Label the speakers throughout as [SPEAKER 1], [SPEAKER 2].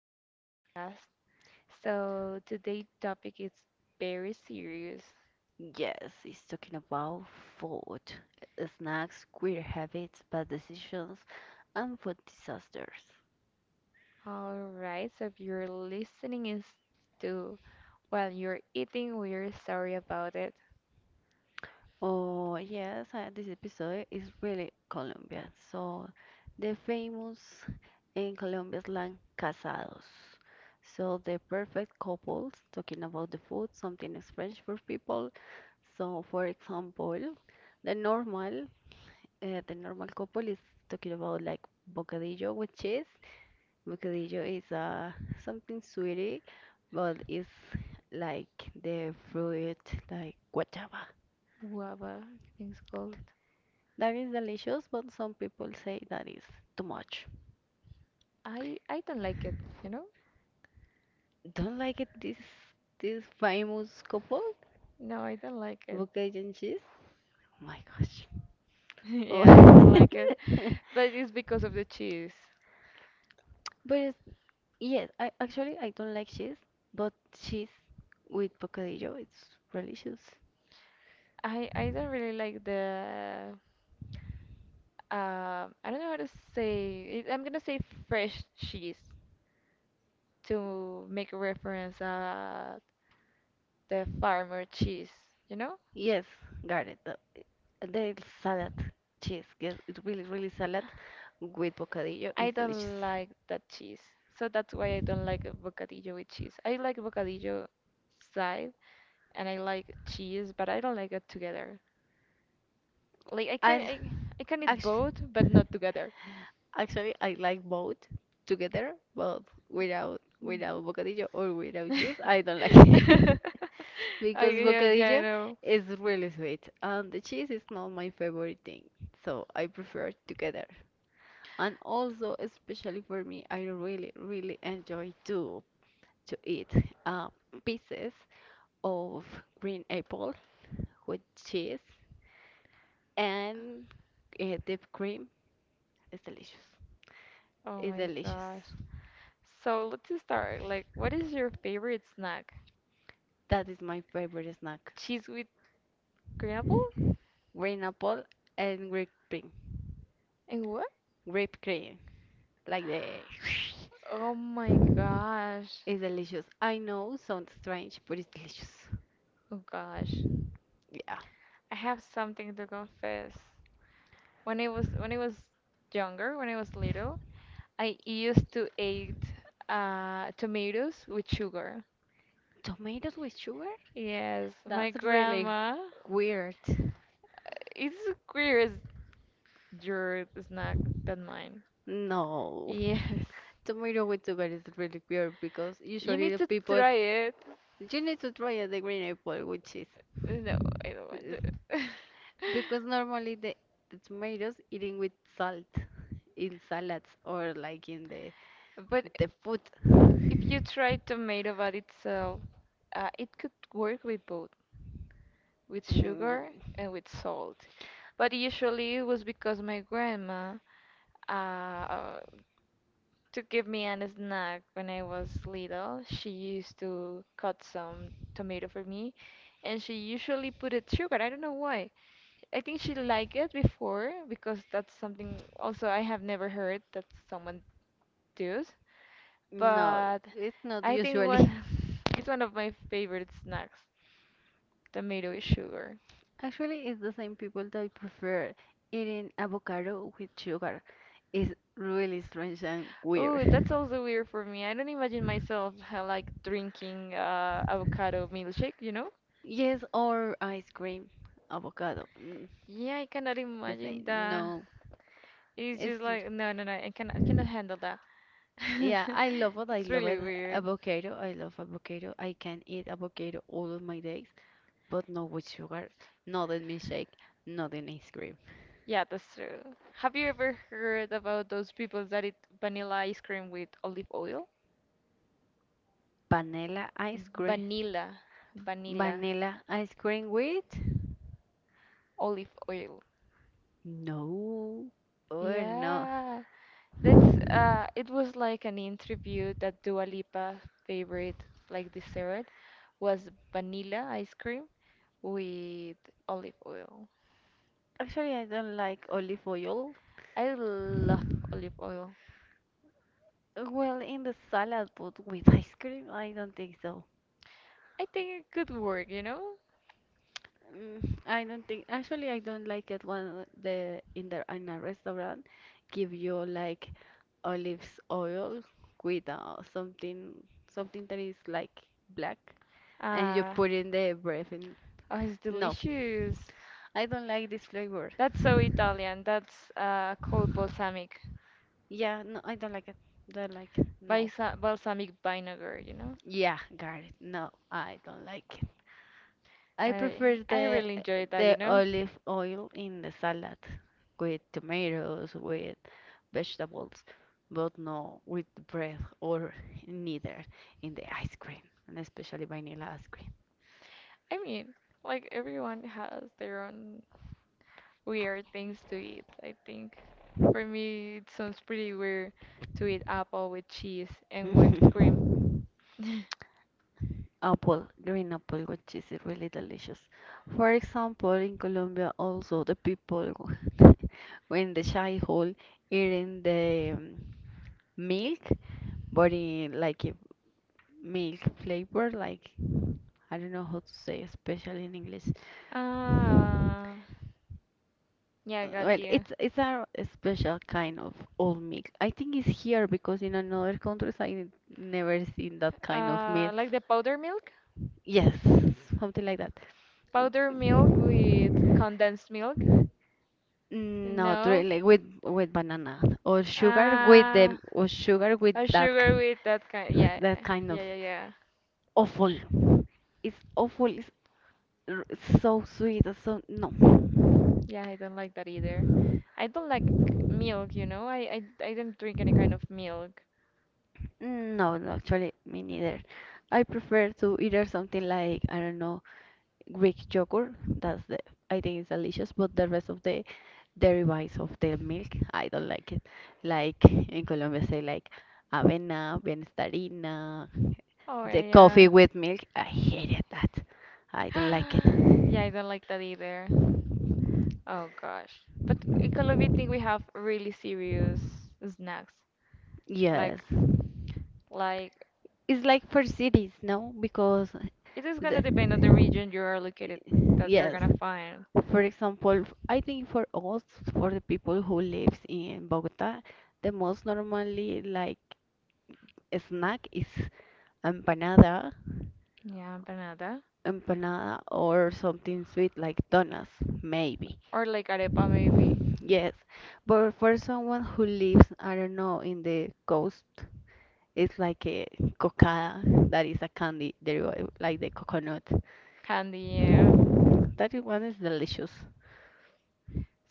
[SPEAKER 1] to our podcast. So, today's topic is very serious.
[SPEAKER 2] Yes, it's talking about food, snacks, queer habits, bad decisions, and food disasters.
[SPEAKER 1] All right, so if you're listening is to while you're eating, we're sorry about it.
[SPEAKER 2] Oh, yes, this episode is really Colombian. So, the famous in Colombia slang casados. So, the perfect couples, talking about the food, something is French for people. So, for example, the normal, the normal couple is talking about like bocadillo with cheese. Bocadillo is something sweetie, but it's like the fruit, like guachaba.
[SPEAKER 1] Guava, I think it's called.
[SPEAKER 2] That is delicious, but some people say that is too much.
[SPEAKER 1] I don't like it, you know?
[SPEAKER 2] Don't like it. This famous couple,
[SPEAKER 1] No, I don't like it.
[SPEAKER 2] bocadillo and cheese. Oh my gosh.
[SPEAKER 1] Yeah, I don't
[SPEAKER 2] Oh.
[SPEAKER 1] like it, but it's because of the cheese.
[SPEAKER 2] But it's, yes, I actually I don't like cheese, but cheese with bocadillo, it's delicious.
[SPEAKER 1] I don't really like the I don't know how to say it. I'm gonna say fresh cheese. To make reference the farmer cheese, you know?
[SPEAKER 2] Yes, got it. The salad, cheese. Yes, it's really, really salad with bocadillo
[SPEAKER 1] I
[SPEAKER 2] is delicious.
[SPEAKER 1] don't like that cheese. So that's why I don't like bocadillo with cheese. I like bocadillo side and I like cheese, but I don't like it together. Like I can
[SPEAKER 2] l-
[SPEAKER 1] I, I can eat
[SPEAKER 2] actually,
[SPEAKER 1] both, but not together.
[SPEAKER 2] I like both together, but without
[SPEAKER 1] Mm.
[SPEAKER 2] without bocadillo or without cheese, I don't like it.
[SPEAKER 1] I
[SPEAKER 2] Because
[SPEAKER 1] Yeah, yeah, I
[SPEAKER 2] bocadillo
[SPEAKER 1] know.
[SPEAKER 2] is really sweet and the cheese is not my favorite thing, so I prefer together. And also, especially for me, I really, really enjoy too, to eat uh, pieces of green apple with cheese and deep cream. It's delicious.
[SPEAKER 1] Oh
[SPEAKER 2] It's
[SPEAKER 1] my
[SPEAKER 2] delicious.
[SPEAKER 1] gosh. So let's just start. Like, what is your favorite snack?
[SPEAKER 2] That is my favorite snack.
[SPEAKER 1] Cheese with crumble
[SPEAKER 2] Green apple and grape cream.
[SPEAKER 1] and what?
[SPEAKER 2] Grape cream. Like the.
[SPEAKER 1] Oh my gosh.
[SPEAKER 2] It's delicious. I know, sounds strange, but it's delicious.
[SPEAKER 1] Oh gosh.
[SPEAKER 2] Yeah.
[SPEAKER 1] I have something to confess. When I was younger, when I was little, I used to eat tomatoes with sugar.
[SPEAKER 2] Tomatoes with sugar?
[SPEAKER 1] Yes, my
[SPEAKER 2] That's really
[SPEAKER 1] grandma.
[SPEAKER 2] weird.
[SPEAKER 1] It's weird. Your snack than mine.
[SPEAKER 2] No.
[SPEAKER 1] Yes.
[SPEAKER 2] Tomato with sugar is really weird because
[SPEAKER 1] You
[SPEAKER 2] usually
[SPEAKER 1] need
[SPEAKER 2] the
[SPEAKER 1] to
[SPEAKER 2] people,
[SPEAKER 1] try it.
[SPEAKER 2] you need to try the green apple with cheese.
[SPEAKER 1] No, I don't want
[SPEAKER 2] Yes.
[SPEAKER 1] to.
[SPEAKER 2] Because normally the tomatoes eating with salt in salads or like in the
[SPEAKER 1] But
[SPEAKER 2] food.
[SPEAKER 1] if you try tomato by itself, it could work with both, with
[SPEAKER 2] Mm,
[SPEAKER 1] sugar and with salt. But usually it was because my grandma, uh, to give me an snack when I was little. She used to cut some tomato for me, and she usually put it sugar. I don't know why. I think she liked it before because that's something also I have never heard that someone does.
[SPEAKER 2] no,
[SPEAKER 1] But
[SPEAKER 2] it's not
[SPEAKER 1] I think what
[SPEAKER 2] usually.
[SPEAKER 1] it's one of my favorite snacks, tomato with sugar.
[SPEAKER 2] Actually, it's the same people that prefer eating avocado with sugar. It's really strange and
[SPEAKER 1] Oh, that's
[SPEAKER 2] weird.
[SPEAKER 1] also weird for me. I don't imagine myself like drinking avocado milkshake, you know?
[SPEAKER 2] Yes, or ice cream, avocado. Mm.
[SPEAKER 1] Yeah, I cannot
[SPEAKER 2] The
[SPEAKER 1] imagine
[SPEAKER 2] same.
[SPEAKER 1] that.
[SPEAKER 2] No,
[SPEAKER 1] It's just
[SPEAKER 2] it's
[SPEAKER 1] like no, no, no. I cannot handle that.
[SPEAKER 2] yeah. I love it. I
[SPEAKER 1] It's
[SPEAKER 2] love
[SPEAKER 1] really
[SPEAKER 2] it.
[SPEAKER 1] weird.
[SPEAKER 2] Avocado. I love avocado. I can eat avocado all of my days, but not with sugar, not in milkshake, not in ice cream.
[SPEAKER 1] Yeah, that's true. Have you ever heard about those people that eat vanilla ice cream with olive oil?
[SPEAKER 2] Vanilla ice cream.
[SPEAKER 1] Vanilla, vanilla,
[SPEAKER 2] Vanilla ice cream with?
[SPEAKER 1] olive oil.
[SPEAKER 2] No, or no.
[SPEAKER 1] Yeah, that's it was like an interview that Dua Lipa favorite like dessert was vanilla ice cream with olive oil.
[SPEAKER 2] Actually, I don't like olive oil.
[SPEAKER 1] I love olive oil.
[SPEAKER 2] Well, in the salad, but with ice cream, I don't think so.
[SPEAKER 1] I think it could work, you know?
[SPEAKER 2] Mm, I don't think, actually I don't like it when the in a restaurant give you like olives oil with something, something that is like black and you
[SPEAKER 1] Uh,
[SPEAKER 2] put in the bread and
[SPEAKER 1] oh, it's
[SPEAKER 2] no,
[SPEAKER 1] delicious.
[SPEAKER 2] I don't like this flavor.
[SPEAKER 1] That's so Italian. That's called balsamic,
[SPEAKER 2] Yeah, no, I don't like it, don't like it, no.
[SPEAKER 1] balsamic vinegar, you know?
[SPEAKER 2] Yeah, got it, no, I don't like it. I
[SPEAKER 1] I,
[SPEAKER 2] prefer
[SPEAKER 1] I really enjoy that, you
[SPEAKER 2] the
[SPEAKER 1] know?
[SPEAKER 2] olive oil in the salad with tomatoes, with vegetables, but no with bread or neither in the ice cream, and especially vanilla ice cream.
[SPEAKER 1] I mean, like everyone has their own weird things to eat, I think. For me, it sounds pretty weird to eat apple with cheese and whipped cream.
[SPEAKER 2] Apple, green apple, which is really delicious. For example, in Colombia also the people when the shy hole eating the milk, but in like a milk flavor, like I don't know how to say, especially in English.
[SPEAKER 1] Ah, yeah, I got
[SPEAKER 2] Well,
[SPEAKER 1] you.
[SPEAKER 2] it's a special kind of old meat. I think it's here because in another countries I never seen that kind of meat.
[SPEAKER 1] Like the powder milk?
[SPEAKER 2] Yes, something like that.
[SPEAKER 1] Powder milk with condensed milk?
[SPEAKER 2] Mm, not
[SPEAKER 1] No?
[SPEAKER 2] really, like with banana or sugar with
[SPEAKER 1] Ah,
[SPEAKER 2] them, or sugar with
[SPEAKER 1] a
[SPEAKER 2] that,
[SPEAKER 1] sugar with that kind.
[SPEAKER 2] like
[SPEAKER 1] Yeah,
[SPEAKER 2] that kind of
[SPEAKER 1] yeah, yeah, yeah.
[SPEAKER 2] awful. It's awful. R- so sweet. It's So no,
[SPEAKER 1] Yeah, I don't like that either. I don't like milk, you know? I don't drink any kind of milk.
[SPEAKER 2] no, no, actually me neither. I prefer to either something like, I don't know, Greek yogurt. That's the, I think it's delicious, but the rest of the derivatives of the milk, I don't like it. Like in Colombia, say like avena, bienestarina,
[SPEAKER 1] Oh,
[SPEAKER 2] the
[SPEAKER 1] yeah.
[SPEAKER 2] coffee with milk. I hate it. That, I don't like it.
[SPEAKER 1] Yeah, I don't like that either. Oh gosh. But in Colombia, I think we have really serious snacks.
[SPEAKER 2] Yes,
[SPEAKER 1] Like, like,
[SPEAKER 2] it's like for cities, no? Because
[SPEAKER 1] it is gonna
[SPEAKER 2] the
[SPEAKER 1] depend on the region you are located that you're
[SPEAKER 2] yes.
[SPEAKER 1] gonna find.
[SPEAKER 2] For example, I think for us, for the people who lives in Bogota, the most normally like snack is empanada,
[SPEAKER 1] Yeah, empanada
[SPEAKER 2] empanada or something sweet like donuts, maybe.
[SPEAKER 1] or like arepa maybe.
[SPEAKER 2] Yes, but for someone who lives, I don't know, in the coast, it's like a cocada, that is a candy derived like the coconut.
[SPEAKER 1] Candy, yeah.
[SPEAKER 2] That one is delicious.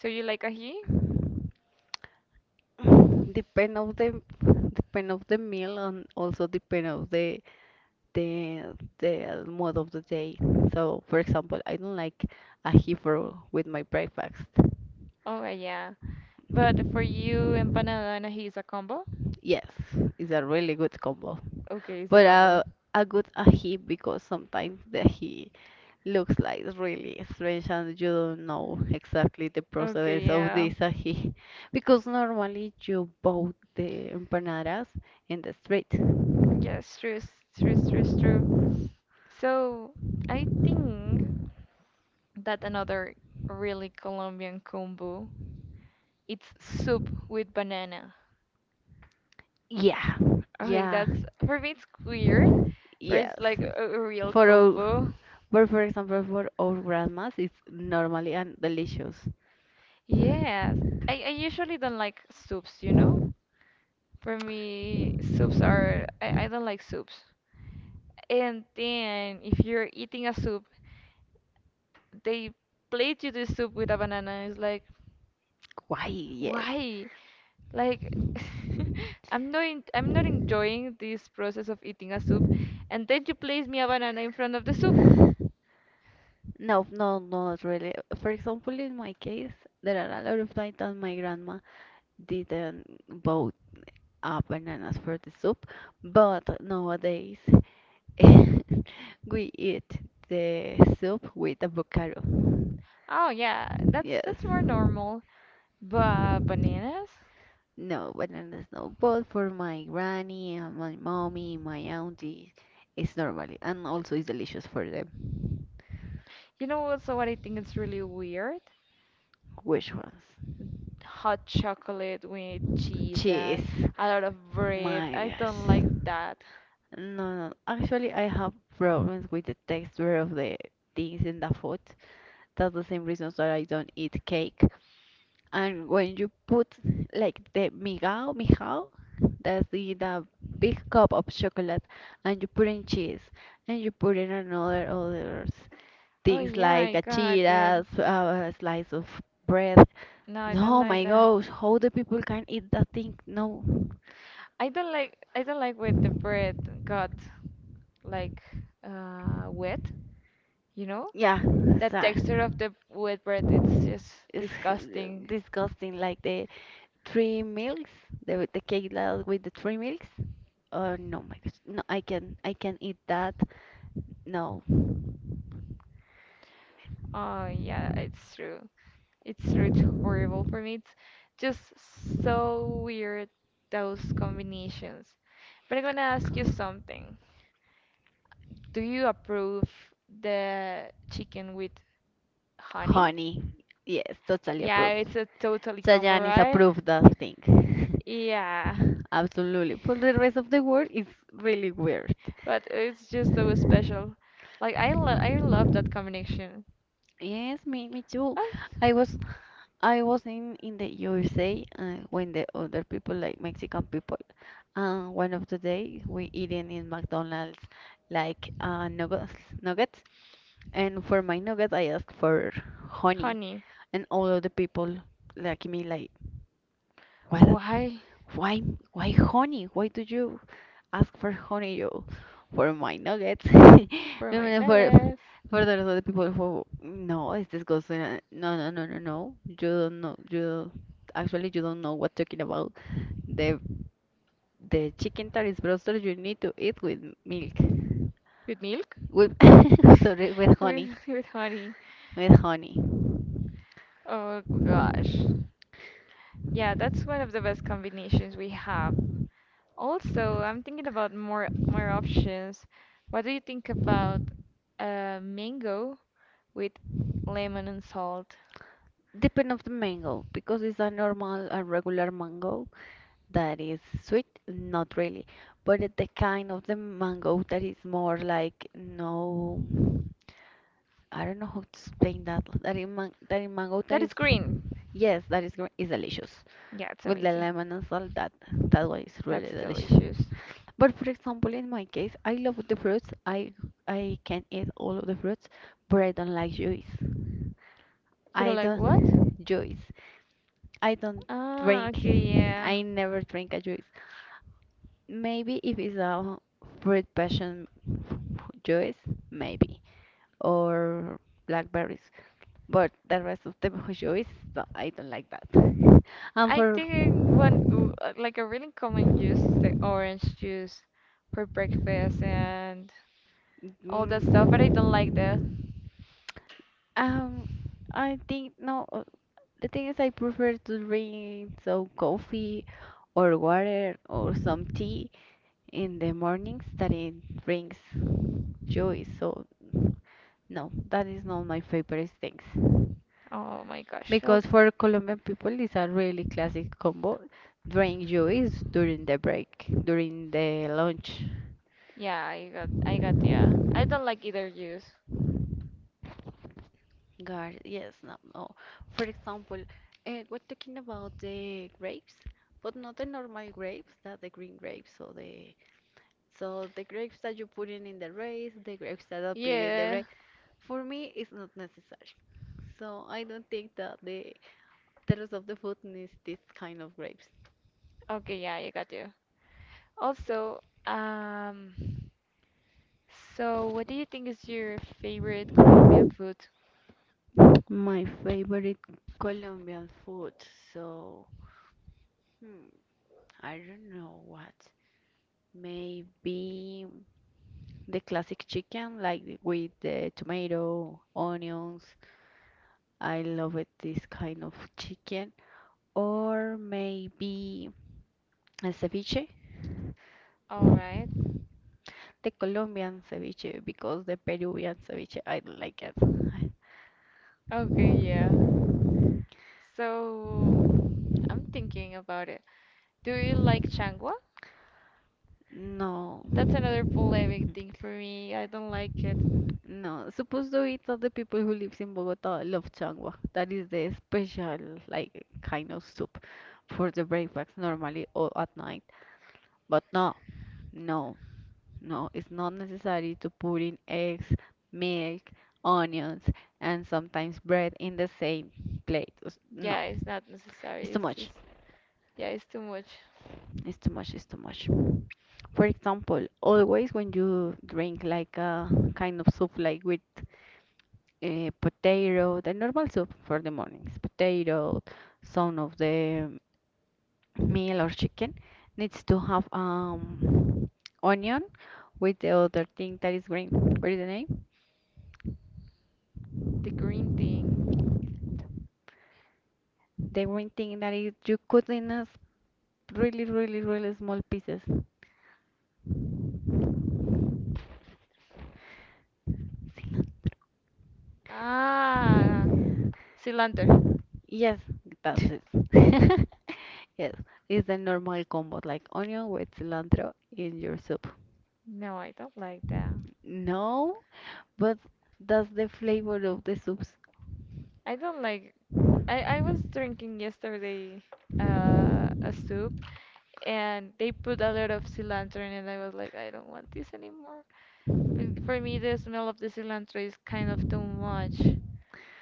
[SPEAKER 1] So you like ají?
[SPEAKER 2] Depend of the depend of the meal and also depend of the the mood of the day. So, for example, I don't like a beef roll with my breakfast.
[SPEAKER 1] Oh yeah. But for you, empanada and ají is a combo?
[SPEAKER 2] Yes, it's a really good combo.
[SPEAKER 1] Okay, it's a
[SPEAKER 2] But
[SPEAKER 1] combo.
[SPEAKER 2] a good ahi, because sometimes the ahi looks like really strange and you don't know exactly the process
[SPEAKER 1] Okay,
[SPEAKER 2] of
[SPEAKER 1] yeah.
[SPEAKER 2] this ahi. Because normally you bought the empanadas in the street.
[SPEAKER 1] Yes, true, it's true. So I think. That another really Colombian combo. It's soup with banana.
[SPEAKER 2] Yeah,
[SPEAKER 1] Okay,
[SPEAKER 2] yeah,
[SPEAKER 1] that's for me it's weird, but
[SPEAKER 2] yes.
[SPEAKER 1] it's like a real
[SPEAKER 2] For
[SPEAKER 1] combo.
[SPEAKER 2] our, but for example, for our grandmas, it's normally and delicious.
[SPEAKER 1] Yes, I usually don't like soups, you know? For me, soups are I don't like soups. And then if you're eating a soup, they plate you the soup with a banana. It's like,
[SPEAKER 2] Why? Yes.
[SPEAKER 1] why? Like I'm not I'm not enjoying this process of eating a soup, and then you place me a banana in front of the soup.
[SPEAKER 2] No, no, no, not really. For example, in my case, there are a lot of times that my grandma didn't both bananas for the soup, but nowadays we eat the soup with avocado.
[SPEAKER 1] Oh yeah, that's
[SPEAKER 2] Yes.
[SPEAKER 1] that's more normal. But bananas?
[SPEAKER 2] No, banana no. But for my granny and my mommy, my auntie, it's normally and also it's delicious for them.
[SPEAKER 1] You know also what I think it's really weird?
[SPEAKER 2] Which ones?
[SPEAKER 1] Hot chocolate with cheese and
[SPEAKER 2] Cheese.
[SPEAKER 1] a lot of bread.
[SPEAKER 2] My
[SPEAKER 1] I don't like
[SPEAKER 2] gosh.
[SPEAKER 1] that.
[SPEAKER 2] No, no. Actually, I have problems with the texture of the things in the food. That's the same reasons that I don't eat cake. And when you put like the migao, migao, that's the big cup of chocolate, and you put in cheese, and you put in another other
[SPEAKER 1] Oh
[SPEAKER 2] things
[SPEAKER 1] yeah, I
[SPEAKER 2] like a
[SPEAKER 1] got it.
[SPEAKER 2] cheetah, a slice of bread.
[SPEAKER 1] No, I don't
[SPEAKER 2] No, oh
[SPEAKER 1] like
[SPEAKER 2] my
[SPEAKER 1] that.
[SPEAKER 2] gosh, how the people can eat that thing? No,
[SPEAKER 1] I don't like when the bread got like wet, you know?
[SPEAKER 2] yeah,
[SPEAKER 1] That
[SPEAKER 2] sorry,
[SPEAKER 1] texture of the wet bread, it's just
[SPEAKER 2] it's
[SPEAKER 1] disgusting.
[SPEAKER 2] disgusting. Like the three milks, the cake that with the three milks. Oh no, my gosh, no, I can eat that. No,
[SPEAKER 1] Oh yeah, it's true. It's true. It's horrible for me. It's just so weird those combinations. But I'm gonna ask you something. Do you approve the chicken with honey?
[SPEAKER 2] honey. Yes, totally
[SPEAKER 1] Yeah,
[SPEAKER 2] approved.
[SPEAKER 1] it's a totally combo,
[SPEAKER 2] Chayanne is
[SPEAKER 1] right?
[SPEAKER 2] approved that thing.
[SPEAKER 1] Yeah.
[SPEAKER 2] Absolutely. For the rest of the world, it's really weird.
[SPEAKER 1] But it's just so special. Like I love that combination.
[SPEAKER 2] Yes, me, me too.
[SPEAKER 1] I
[SPEAKER 2] I was, I was in the USA when the other people, like Mexican people, one of the day we eating in McDonald's like nuggets, nuggets, and for my nuggets I asked for honey,
[SPEAKER 1] honey.
[SPEAKER 2] and all of the people like me like. What?
[SPEAKER 1] Why
[SPEAKER 2] Why? Why honey? Why do you ask for honey? You for my nuggets? I
[SPEAKER 1] for my
[SPEAKER 2] mean,
[SPEAKER 1] nuggets
[SPEAKER 2] for the rest of the people who no, it's disgusting. No, no, no, no, no. You don't know. You don't- actually you don't know what talking about. The the chicken taris broster you need to eat with milk.
[SPEAKER 1] with milk?
[SPEAKER 2] With sorry, with
[SPEAKER 1] with
[SPEAKER 2] honey.
[SPEAKER 1] with honey.
[SPEAKER 2] With honey.
[SPEAKER 1] Oh gosh. Yeah, that's one of the best combinations we have. Also, I'm thinking about more options. What do you think about mango with lemon and salt?
[SPEAKER 2] Depend of the mango, because it's a normal, a regular mango, that is sweet not really, but it- the kind of the mango that is more like no, I don't know how to explain that, that in, man, that in mango that
[SPEAKER 1] That
[SPEAKER 2] is
[SPEAKER 1] is green.
[SPEAKER 2] yes that is gre- is delicious
[SPEAKER 1] Yeah, it's
[SPEAKER 2] with the
[SPEAKER 1] amazing.
[SPEAKER 2] lemon and salt, that that one is really
[SPEAKER 1] That's
[SPEAKER 2] delicious,
[SPEAKER 1] delicious.
[SPEAKER 2] but for example in my case I love the fruits, I can eat all of the fruits, but I don't like juice,
[SPEAKER 1] You're
[SPEAKER 2] I
[SPEAKER 1] like, what?
[SPEAKER 2] don't juice, I don't
[SPEAKER 1] Ah,
[SPEAKER 2] drink,
[SPEAKER 1] okay, yeah.
[SPEAKER 2] I never drink a juice. Maybe if it's a fruit passion juice, maybe, or blackberries. But the rest of the juice, no, I don't like that. And
[SPEAKER 1] I
[SPEAKER 2] for
[SPEAKER 1] think like a really common juice is the orange juice for breakfast and all that stuff, but I don't like that.
[SPEAKER 2] Mm. Um, I think no. The thing is, I prefer to drink so coffee or water or some tea in the mornings that it brings joy. So no, that is not my favorite things.
[SPEAKER 1] Oh my gosh. Oh,
[SPEAKER 2] Because for Colombian people, it's a really classic combo. Drink juice during the break, during the lunch.
[SPEAKER 1] yeah, I got yeah. I don't like either juice.
[SPEAKER 2] God, yes, no, no. For example, we're talking about the grapes, but not the normal grapes, that the green grapes. So the, so the grapes that you put in the rice, the grapes that appear in the
[SPEAKER 1] Yeah.
[SPEAKER 2] rice. For me, it's not necessary. So I don't think that the rest of the food needs this kind of grapes.
[SPEAKER 1] Okay, yeah, I got you. Also, um, so, what do you think is your favorite Colombian food?
[SPEAKER 2] My favorite Colombian food, so, hmm, I don't know what. Maybe the classic chicken, like the, with the tomato, onions. I love it, this kind of chicken. Or maybe a ceviche,
[SPEAKER 1] All right.
[SPEAKER 2] the Colombian ceviche, because the Peruvian ceviche, I don't like it.
[SPEAKER 1] Okay, yeah. So, I'm thinking about it. Do you like changua?
[SPEAKER 2] No.
[SPEAKER 1] That's another polemic thing for me. I don't like it.
[SPEAKER 2] No, supposed to eat all the people who lives in Bogota love changua. That is the special like kind of soup for the breakfast normally or at night. But no, no, no, it's not necessary to put in eggs, milk, onions, and sometimes bread in the same plate. Us- no,
[SPEAKER 1] Yeah, it's not necessary.
[SPEAKER 2] it's too
[SPEAKER 1] It's
[SPEAKER 2] much.
[SPEAKER 1] just, yeah, it's too much.
[SPEAKER 2] It's too much. It's too much. For example, always when you drink like a kind of soup like with potato, the normal soup for the mornings, potato, some of the meal or chicken needs to have onion with the other thing that is green. What is the name?
[SPEAKER 1] The green thing.
[SPEAKER 2] The green thing that is you cut in a really, really, really small pieces.
[SPEAKER 1] Ah, cilantro.
[SPEAKER 2] Yes, that's it. Yes, it's the normal combo like onion with cilantro in your soup.
[SPEAKER 1] No, I don't like that.
[SPEAKER 2] No, but that's the flavor of the soups.
[SPEAKER 1] I don't like. I was drinking yesterday a soup. And they put a lot of cilantro in it. I was like, I don't want this anymore. But for me, the smell of the cilantro is kind of too much.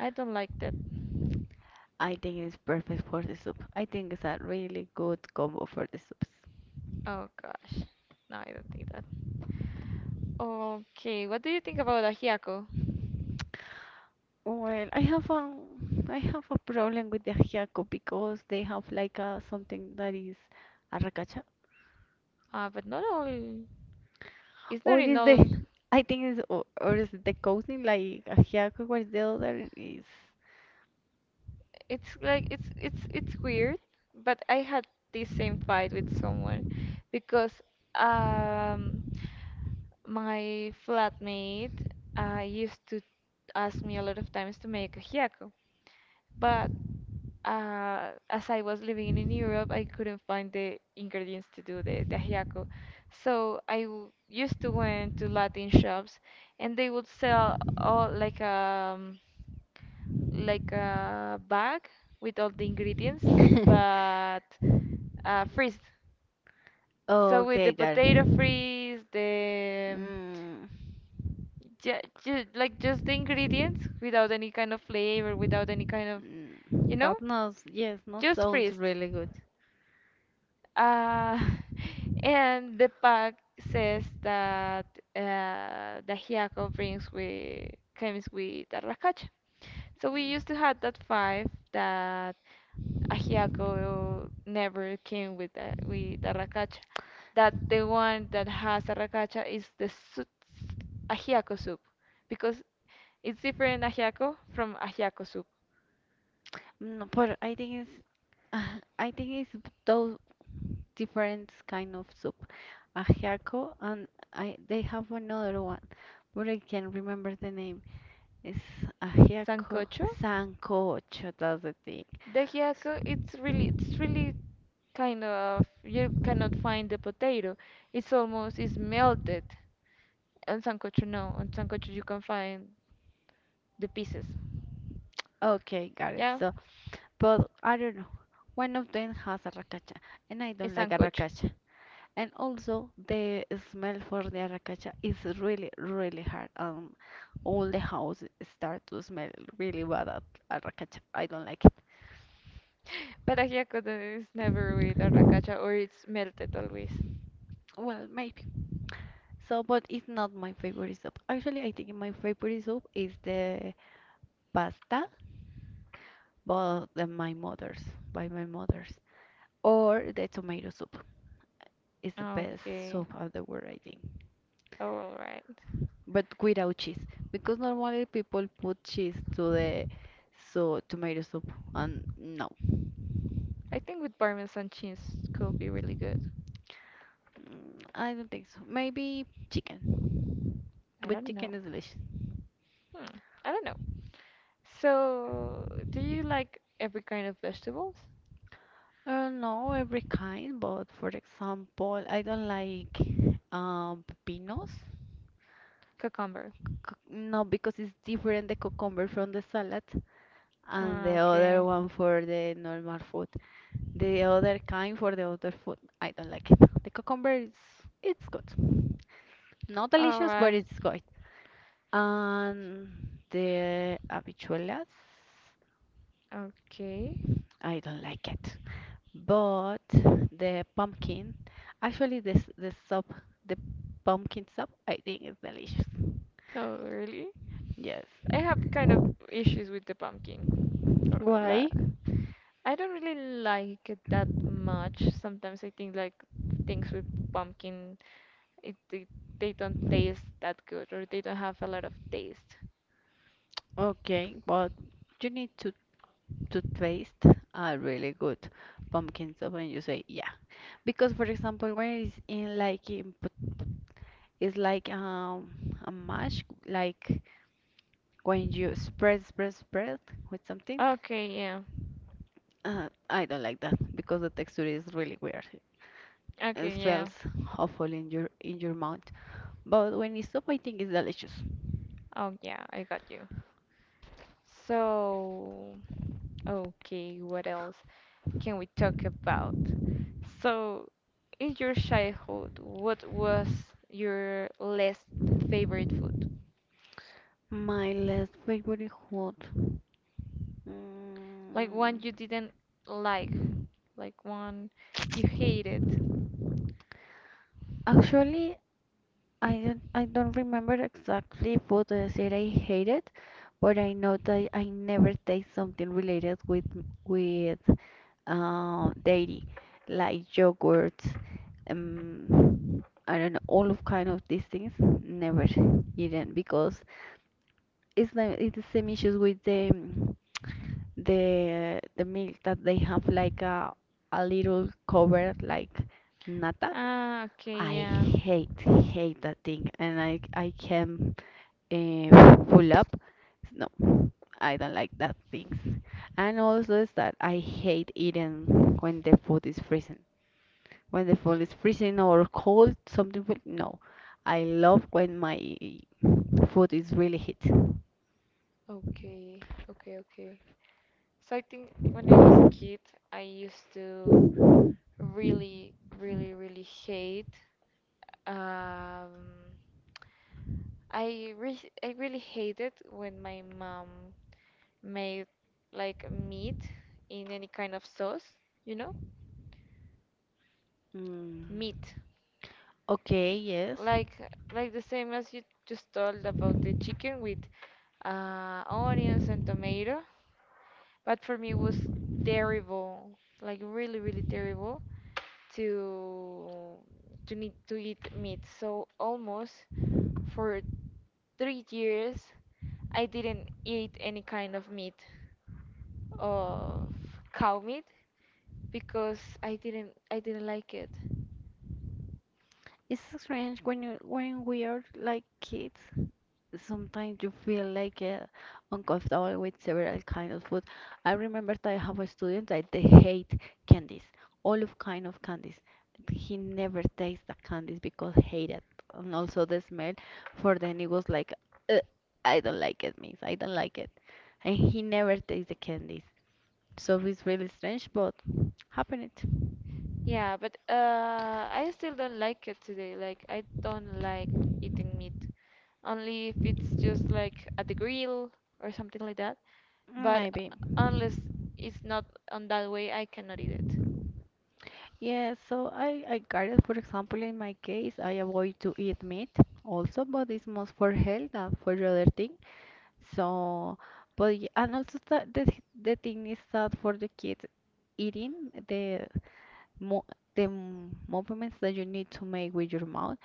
[SPEAKER 1] I don't like that.
[SPEAKER 2] I think it is perfect for the soup. I think it's a really good combo for the soups.
[SPEAKER 1] Oh gosh, no, I don't think that. Okay, what do you think about ajiaco?
[SPEAKER 2] Well, I have a problem with the ajiaco because they have like a something that is arracacha,
[SPEAKER 1] But not all. It's not
[SPEAKER 2] or
[SPEAKER 1] in
[SPEAKER 2] is the
[SPEAKER 1] all.
[SPEAKER 2] I think is or is it the coating like ajiaco? What is the other is?
[SPEAKER 1] It's like it's weird. But I had this same fight with someone because um my flatmate used to ask me a lot of times to make ajiaco. But as I was living in Europe, I couldn't find the ingredients to do the tajiaco. So I used to went to Latin shops, and they would sell all like a bag with all the ingredients, but freeze. So with the
[SPEAKER 2] Okay, got it.
[SPEAKER 1] potato freeze, the
[SPEAKER 2] Mm,
[SPEAKER 1] like just the ingredients without any kind of flavor, without any kind of you know,
[SPEAKER 2] that not yes, not
[SPEAKER 1] just
[SPEAKER 2] sounds
[SPEAKER 1] freeze.
[SPEAKER 2] really good.
[SPEAKER 1] Uh, and the pack says that the Hyako brings with comes with a racacha. So we used to
[SPEAKER 2] Mm.
[SPEAKER 1] have that five that a Hyako never came with the racacha. That the one that has a racacha is the soup, a Hyako soup because it's different ajiaco from ajiaco soup.
[SPEAKER 2] No, but I think it's I think it's those different kind of soup. Ajiaco and I they have another one, but I can't remember the name. It's ajiaco
[SPEAKER 1] Sancocho?
[SPEAKER 2] sancocho. That's the thing.
[SPEAKER 1] The hiaco, it's really kind of, you cannot find the potato. It's almost, it's melted. On sancocho, no. On sancocho, you can find the pieces.
[SPEAKER 2] Okay, got it.
[SPEAKER 1] Yeah,
[SPEAKER 2] So, but I don't know. One of them has arracacha, and I don't
[SPEAKER 1] it's
[SPEAKER 2] like
[SPEAKER 1] sancocho.
[SPEAKER 2] arracacha. And also the smell for the arracacha is really, really hard. All the house start to smell really bad at arracacha. I don't like it.
[SPEAKER 1] But ajiaco is never with arracacha or it's melted always.
[SPEAKER 2] Well, maybe. So, but it's not my favorite soup. Actually, I think my favorite soup is the pasta, but my mother's, by my mother's, or the tomato soup. It's the
[SPEAKER 1] Ah,
[SPEAKER 2] best
[SPEAKER 1] okay.
[SPEAKER 2] soup of the world, I think.
[SPEAKER 1] Oh, all right.
[SPEAKER 2] But without cheese, because normally people put cheese to the so tomato soup, and no.
[SPEAKER 1] I think with Parmesan cheese could be really good.
[SPEAKER 2] Mm, I don't think so. Maybe chicken.
[SPEAKER 1] I
[SPEAKER 2] But
[SPEAKER 1] don't know.
[SPEAKER 2] chicken is delicious.
[SPEAKER 1] Hmm. I don't know. So, do you like every kind of vegetables?
[SPEAKER 2] No, every kind, but for example, I don't like pepinos.
[SPEAKER 1] Cucumber.
[SPEAKER 2] Cuc- No, because it's different the cucumber from the salad and the
[SPEAKER 1] Ah.
[SPEAKER 2] other
[SPEAKER 1] Okay.
[SPEAKER 2] one for the normal food. The other kind for the other food, I don't like it. The cucumber is it's good. Not
[SPEAKER 1] All
[SPEAKER 2] delicious, but
[SPEAKER 1] right.
[SPEAKER 2] it's good. And the habichuelas,
[SPEAKER 1] Okay.
[SPEAKER 2] I don't like it, but the pumpkin, actually this the soup, the pumpkin soup, I think is delicious.
[SPEAKER 1] Oh, really?
[SPEAKER 2] Yes.
[SPEAKER 1] I have kind of issues with the pumpkin. Or la
[SPEAKER 2] Why?
[SPEAKER 1] I don't really like it that much. Sometimes I think like things with pumpkin. It, they don't taste that good or they don't have a lot of taste.
[SPEAKER 2] Okay, but you need to taste a really good pumpkin soup, and you say yeah. Because for example, when it's in like in, pot- it's like a mash, like when you spread with something.
[SPEAKER 1] Okay, yeah.
[SPEAKER 2] I don't like that because the texture is really weird. It
[SPEAKER 1] Okay, yeah.
[SPEAKER 2] feels awful in your mouth. But when it's soup, I think it's delicious.
[SPEAKER 1] Oh, yeah, I got you. So, okay, what else can we talk about? So, in your childhood, what was your least favorite food?
[SPEAKER 2] My last favorite food. Mm,
[SPEAKER 1] Like one you didn't like, like one you hated.
[SPEAKER 2] actually, I don't remember exactly what I said I hated, but I know that I never taste something related with dairy, like yogurt, I don't know, all of kind of these things. Never eaten because it's the same issues with the the milk that they have like a little cover like nata.
[SPEAKER 1] Ah,
[SPEAKER 2] I
[SPEAKER 1] okay, yeah.
[SPEAKER 2] hate that thing, and I can pull up. No, I don't like that things. And also is that I hate eating when the food is freezing. When the food is freezing or cold, something. Will- No, I love when my food is really hot.
[SPEAKER 1] Okay, okay, okay. So I think when I was a kid, I used to really, really, really hate. Um, I really hated when my mom made like meat in any kind of sauce, you know,
[SPEAKER 2] Mm.
[SPEAKER 1] meat.
[SPEAKER 2] Okay, yes.
[SPEAKER 1] Like like the same as you just told about the chicken with onions and tomato, but for me it was terrible, like really, really terrible to to need to eat meat. So almost for 3 years, I didn't eat any kind of meat of cow meat because I didn't like it.
[SPEAKER 2] It's so strange when you when we are like kids. Sometimes you feel like uncomfortable with several kinds of food. I remember that I have a student that they hate candies, all of kind of candies. He never tastes the candies because hated, and also the smell. For then it was like, "Uh, I don't like it, miss. I don't like it," and he never tastes the candies. So it's really strange, but happened.
[SPEAKER 1] Yeah, but I still don't like it today. Like I don't like eating meat, only if it's just like at the grill or something like that. But
[SPEAKER 2] Maybe.
[SPEAKER 1] unless it's not on that way, I cannot eat it.
[SPEAKER 2] Yeah, so I guess for example, in my case, I avoid to eat meat also, but it's most for health than for the other thing. So, but y- and also that the, th- the thing is that for the kids eating, the mo the m- movements that you need to make with your mouth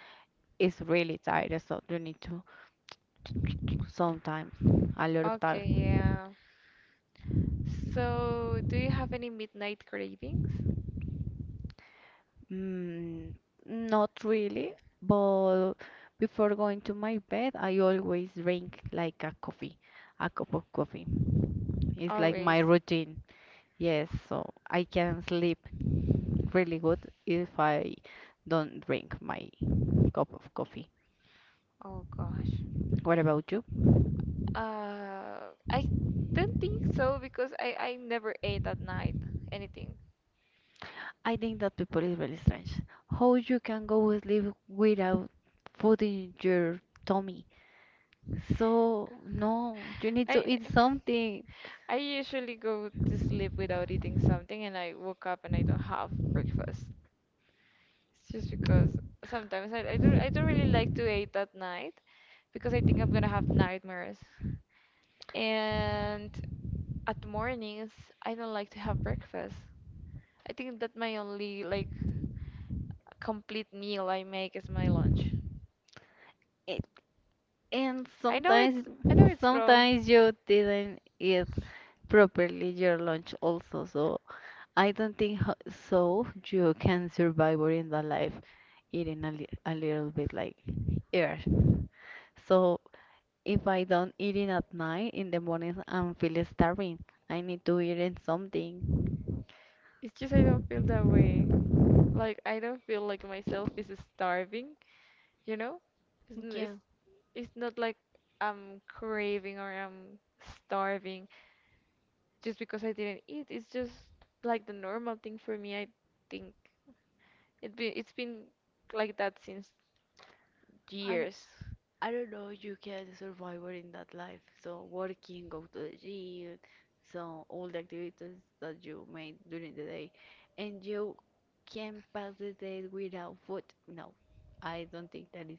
[SPEAKER 2] is really tired. So you need to sometimes a lot of time.
[SPEAKER 1] Okay, yeah. So, do you have any midnight cravings?
[SPEAKER 2] Mm, not really, but before going to my bed, I always drink like a coffee, a cup of coffee. It's like
[SPEAKER 1] Always.
[SPEAKER 2] my routine. Yes, so I can sleep really good if I don't drink my cup of coffee.
[SPEAKER 1] Oh gosh.
[SPEAKER 2] What about you?
[SPEAKER 1] I don't think so because I never ate at night anything.
[SPEAKER 2] I think that people is really strange. How you can go sleep without food in your tummy? So no, you need
[SPEAKER 1] I
[SPEAKER 2] to eat something.
[SPEAKER 1] I usually go to sleep without eating something and I woke up and I don't have breakfast. It's just because sometimes I don't really like to eat at night because I think I'm gonna have nightmares. And at mornings I don't like to have breakfast. I think that my only complete meal I make is my lunch.
[SPEAKER 2] And
[SPEAKER 1] I know it's
[SPEAKER 2] sometimes,
[SPEAKER 1] I know it's wrong.
[SPEAKER 2] sometimes you didn't eat properly your lunch also. So I don't think ho- so you can survive or in the life eating a, li a little bit like air. So if I don't eat it at night, in the morning I'm feeling starving. I need to eat in something.
[SPEAKER 1] It's just I don't feel that way. Like I don't feel like myself is starving, you know? It's
[SPEAKER 2] Yeah,
[SPEAKER 1] It's not like I'm craving or I'm starving just because I didn't eat. It's just like the normal thing for me, I think. It's been like that since
[SPEAKER 2] I.
[SPEAKER 1] years.
[SPEAKER 2] I don't know, you can survive in that life. So working, go to the gym, so all the activities that you made during the day, and you can pass the day without food. No, I don't think that is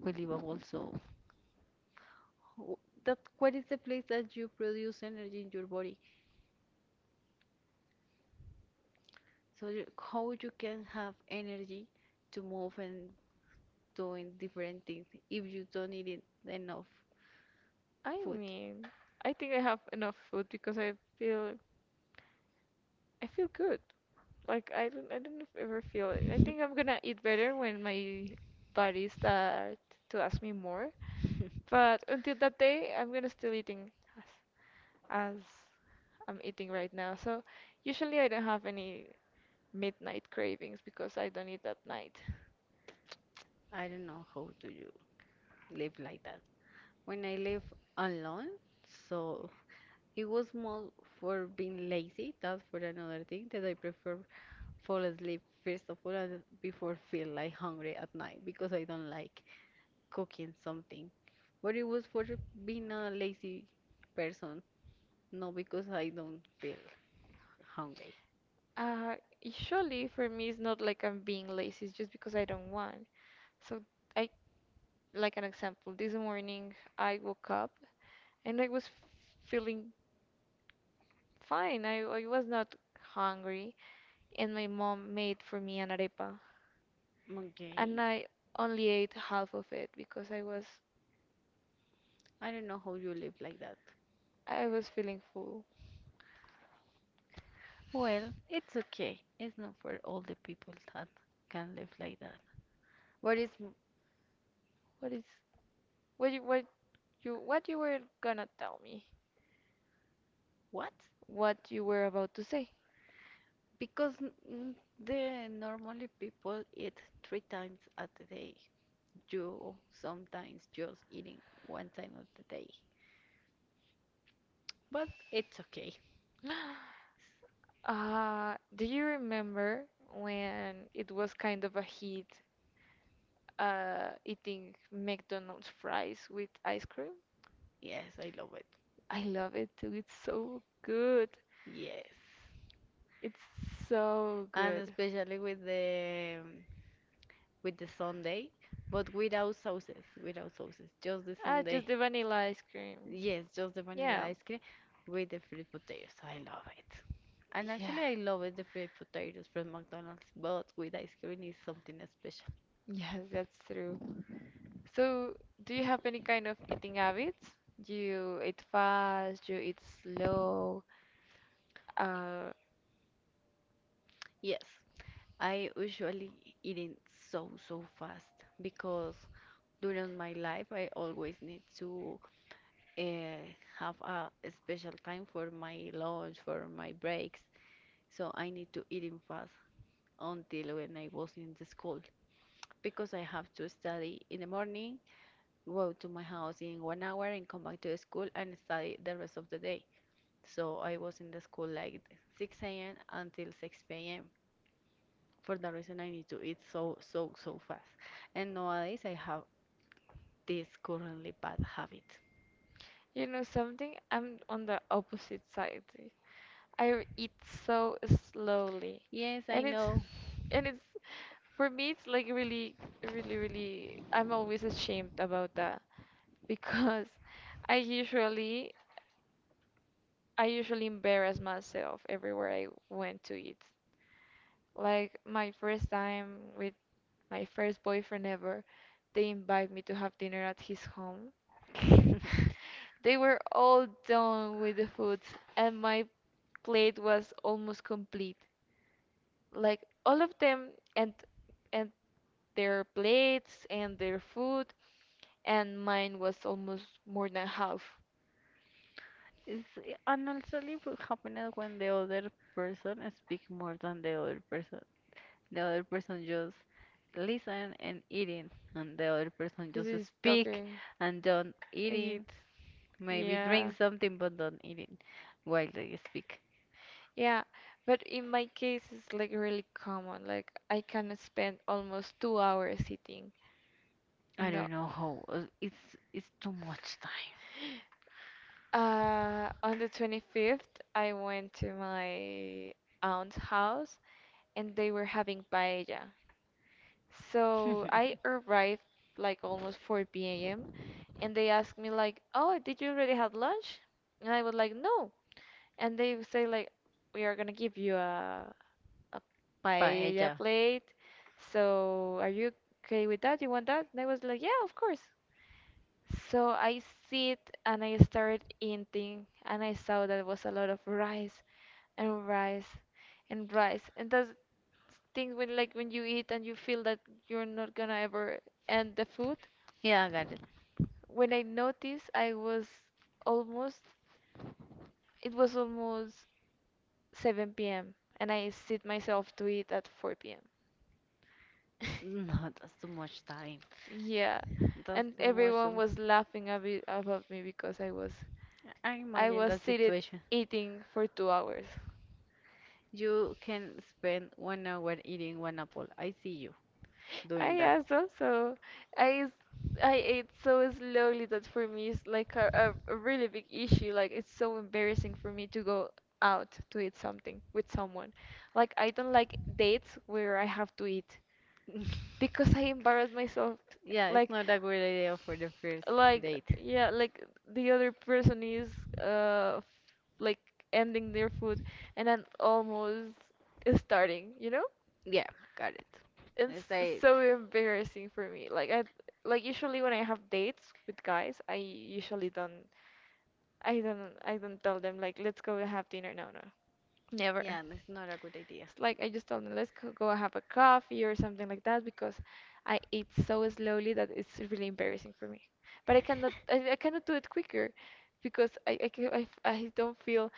[SPEAKER 2] believable. So w- that what is the place that you produce energy in your body? So you, how you can have energy to move and doing different things if you don't eat it enough
[SPEAKER 1] I
[SPEAKER 2] food?
[SPEAKER 1] mean, I think I have enough food because feel I feel good. Like I don't ever feel. I think I'm gonna eat better when my body start to ask me more. But until that day, I'm gonna still eating as as I'm eating right now. So usually I don't have any midnight cravings because I don't eat at night.
[SPEAKER 2] I don't know how to you live like that. When I live alone. So it was more for being lazy. That's for another thing that I prefer fall asleep first of all and before feel like hungry at night because I don't like cooking something. But it was for being a lazy person, not because I don't feel hungry.
[SPEAKER 1] Uh, Usually for me it's not like I'm being lazy, it's just because I don't want. So I Like an example, this morning I woke up and I was feeling fine. I was not hungry, and my mom made for me an arepa,
[SPEAKER 2] Okay.
[SPEAKER 1] and I only ate half of it because
[SPEAKER 2] I don't know how you live like that.
[SPEAKER 1] I was feeling full.
[SPEAKER 2] Well, it's okay. It's not for all the people that can live like that. But it's
[SPEAKER 1] What is what you what you what you were gonna tell me?
[SPEAKER 2] what?
[SPEAKER 1] What you were about to say?
[SPEAKER 2] Because mm, the normally people eat three times a day. You sometimes just eating one time of the day. But it's okay.
[SPEAKER 1] Do you remember when it was kind of a hit, eating McDonald's fries with ice cream?
[SPEAKER 2] Yes, I love it.
[SPEAKER 1] I love it too. It's so good.
[SPEAKER 2] Yes.
[SPEAKER 1] It's so
[SPEAKER 2] And
[SPEAKER 1] good.
[SPEAKER 2] especially with the Sunday, but without sauces, without sauces, just the
[SPEAKER 1] Ah,
[SPEAKER 2] Sunday.
[SPEAKER 1] just the vanilla ice cream.
[SPEAKER 2] Yes, just the vanilla
[SPEAKER 1] Yeah.
[SPEAKER 2] ice cream with the fried potatoes. I love it. And
[SPEAKER 1] Yeah.
[SPEAKER 2] actually, I love it, the fried potatoes from McDonald's, but with ice cream is something.
[SPEAKER 1] Yes, that's true. So, do you have any kind of eating habits? You eat fast, you eat slow. Uh,
[SPEAKER 2] Yes, I usually eating so so fast because during my life I always need to uh, have a special time for my lunch, for my breaks. So I need to eat in fast until when I was in the school because I have to study in the morning, go to my house in 1 hour and come back to the school and study the rest of the day. So I was in the school like 6 a.m. until 6 p.m. for that reason I need to eat so so so fast. And nowadays I have this currently bad habit.
[SPEAKER 1] you know something? I'm on the opposite side. I eat so slowly,
[SPEAKER 2] Yes, I
[SPEAKER 1] and it's
[SPEAKER 2] know.
[SPEAKER 1] and it's for me it's like really really I'm always ashamed about that because I usually I usually embarrass myself everywhere I went to eat. Like my first time with my first boyfriend ever, they invite me to have dinner at his home. They were all done with the food and my plate was almost complete. Like all of them and and their plates and their food and mine was almost more than half
[SPEAKER 2] It's, and also it will happen is when the other person speak more than the other person. The other person just listen and eating, and the other person
[SPEAKER 1] because
[SPEAKER 2] just
[SPEAKER 1] he's
[SPEAKER 2] speak
[SPEAKER 1] talking
[SPEAKER 2] and don't
[SPEAKER 1] and
[SPEAKER 2] eating.
[SPEAKER 1] eat.
[SPEAKER 2] Maybe drink
[SPEAKER 1] Yeah,
[SPEAKER 2] something but don't eating while they speak.
[SPEAKER 1] yeah, but in my case it's like really common, like I can spend almost 2 hours sitting.
[SPEAKER 2] I don't
[SPEAKER 1] No.
[SPEAKER 2] know how. It's too much
[SPEAKER 1] On the 25th, I went to my aunt's house and they were having paella.
[SPEAKER 2] time.
[SPEAKER 1] So I arrived like almost 4 p.m. and they asked me like, "Oh, did you already have lunch?" And I was like, "No." And they would say like, "We are gonna give you a
[SPEAKER 2] Paella.
[SPEAKER 1] paella plate. So are you okay with that? You want that?" And I was like, "Yeah, of course." So I sit and I started eating, and I saw that was a lot of rice and rice and rice. And that's thing when when you eat and you feel that you're not gonna ever end the food.
[SPEAKER 2] Yeah, I got it.
[SPEAKER 1] When I noticed, I was almost it was almost 7 p.m. and I sit myself to eat at 4 p.m.
[SPEAKER 2] No, that's too much time.
[SPEAKER 1] Yeah,
[SPEAKER 2] That's
[SPEAKER 1] and
[SPEAKER 2] too much. Too
[SPEAKER 1] everyone
[SPEAKER 2] much.
[SPEAKER 1] was laughing a bit about me because
[SPEAKER 2] I
[SPEAKER 1] I
[SPEAKER 2] imagine that
[SPEAKER 1] was seated
[SPEAKER 2] situation.
[SPEAKER 1] eating for 2 hours.
[SPEAKER 2] You can spend 1 hour eating one apple. I see you doing
[SPEAKER 1] I
[SPEAKER 2] that.
[SPEAKER 1] asked also. I s- I ate so slowly that for me it's like a really big issue. Like it's so embarrassing for me to go out to eat something with someone. Like I don't like dates where I have to eat because I embarrassed myself.
[SPEAKER 2] Yeah, it's
[SPEAKER 1] Like,
[SPEAKER 2] not a good idea for the first
[SPEAKER 1] like
[SPEAKER 2] date.
[SPEAKER 1] yeah, like the other person is uh f- like ending their food, and I'm almost starting. You know,
[SPEAKER 2] Yeah, got it.
[SPEAKER 1] it's
[SPEAKER 2] It's like,
[SPEAKER 1] so embarrassing for me. Like I like usually when I have dates with guys, I usually don't I don't tell them like let's go have dinner. No, no.
[SPEAKER 2] yeah,
[SPEAKER 1] Never.
[SPEAKER 2] it's not a good idea.
[SPEAKER 1] It's like I just told them, go have a coffee or something like that because I eat so slowly that it's really embarrassing for me. But I cannot do it quicker because I don't feel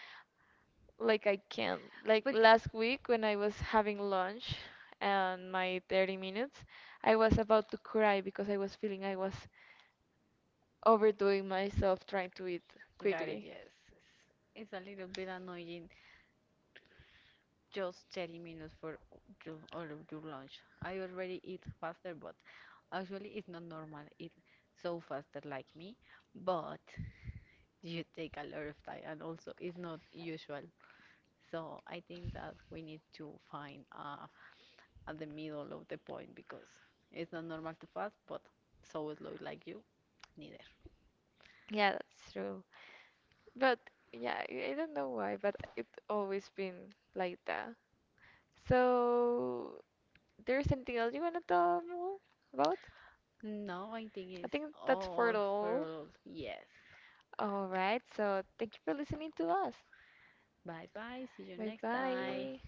[SPEAKER 1] like I can. Like
[SPEAKER 2] But
[SPEAKER 1] last week when I was having lunch and my 30 minutes, I was about to cry because I was overdoing myself trying to eat
[SPEAKER 2] got it,
[SPEAKER 1] quickly.
[SPEAKER 2] yes. It's a little bit annoying just 30 minutes for you, all of your lunch. I already eat faster, but actually, it's not normal. It's so faster like me, but you take a lot of time and also it's not usual. So I think that we need to find at the middle of the point because it's not normal too fast, but so slow like you, neither.
[SPEAKER 1] Yeah, that's true. But yeah, I don't know why, but it always been like that. So there's anything else you wanna tell more about?
[SPEAKER 2] No, I think
[SPEAKER 1] I
[SPEAKER 2] it's
[SPEAKER 1] think that's for
[SPEAKER 2] all
[SPEAKER 1] it
[SPEAKER 2] for
[SPEAKER 1] all.
[SPEAKER 2] all. Yes.
[SPEAKER 1] All right, so thank you for listening to us.
[SPEAKER 2] Bye bye. See you
[SPEAKER 1] Bye
[SPEAKER 2] next time.
[SPEAKER 1] bye.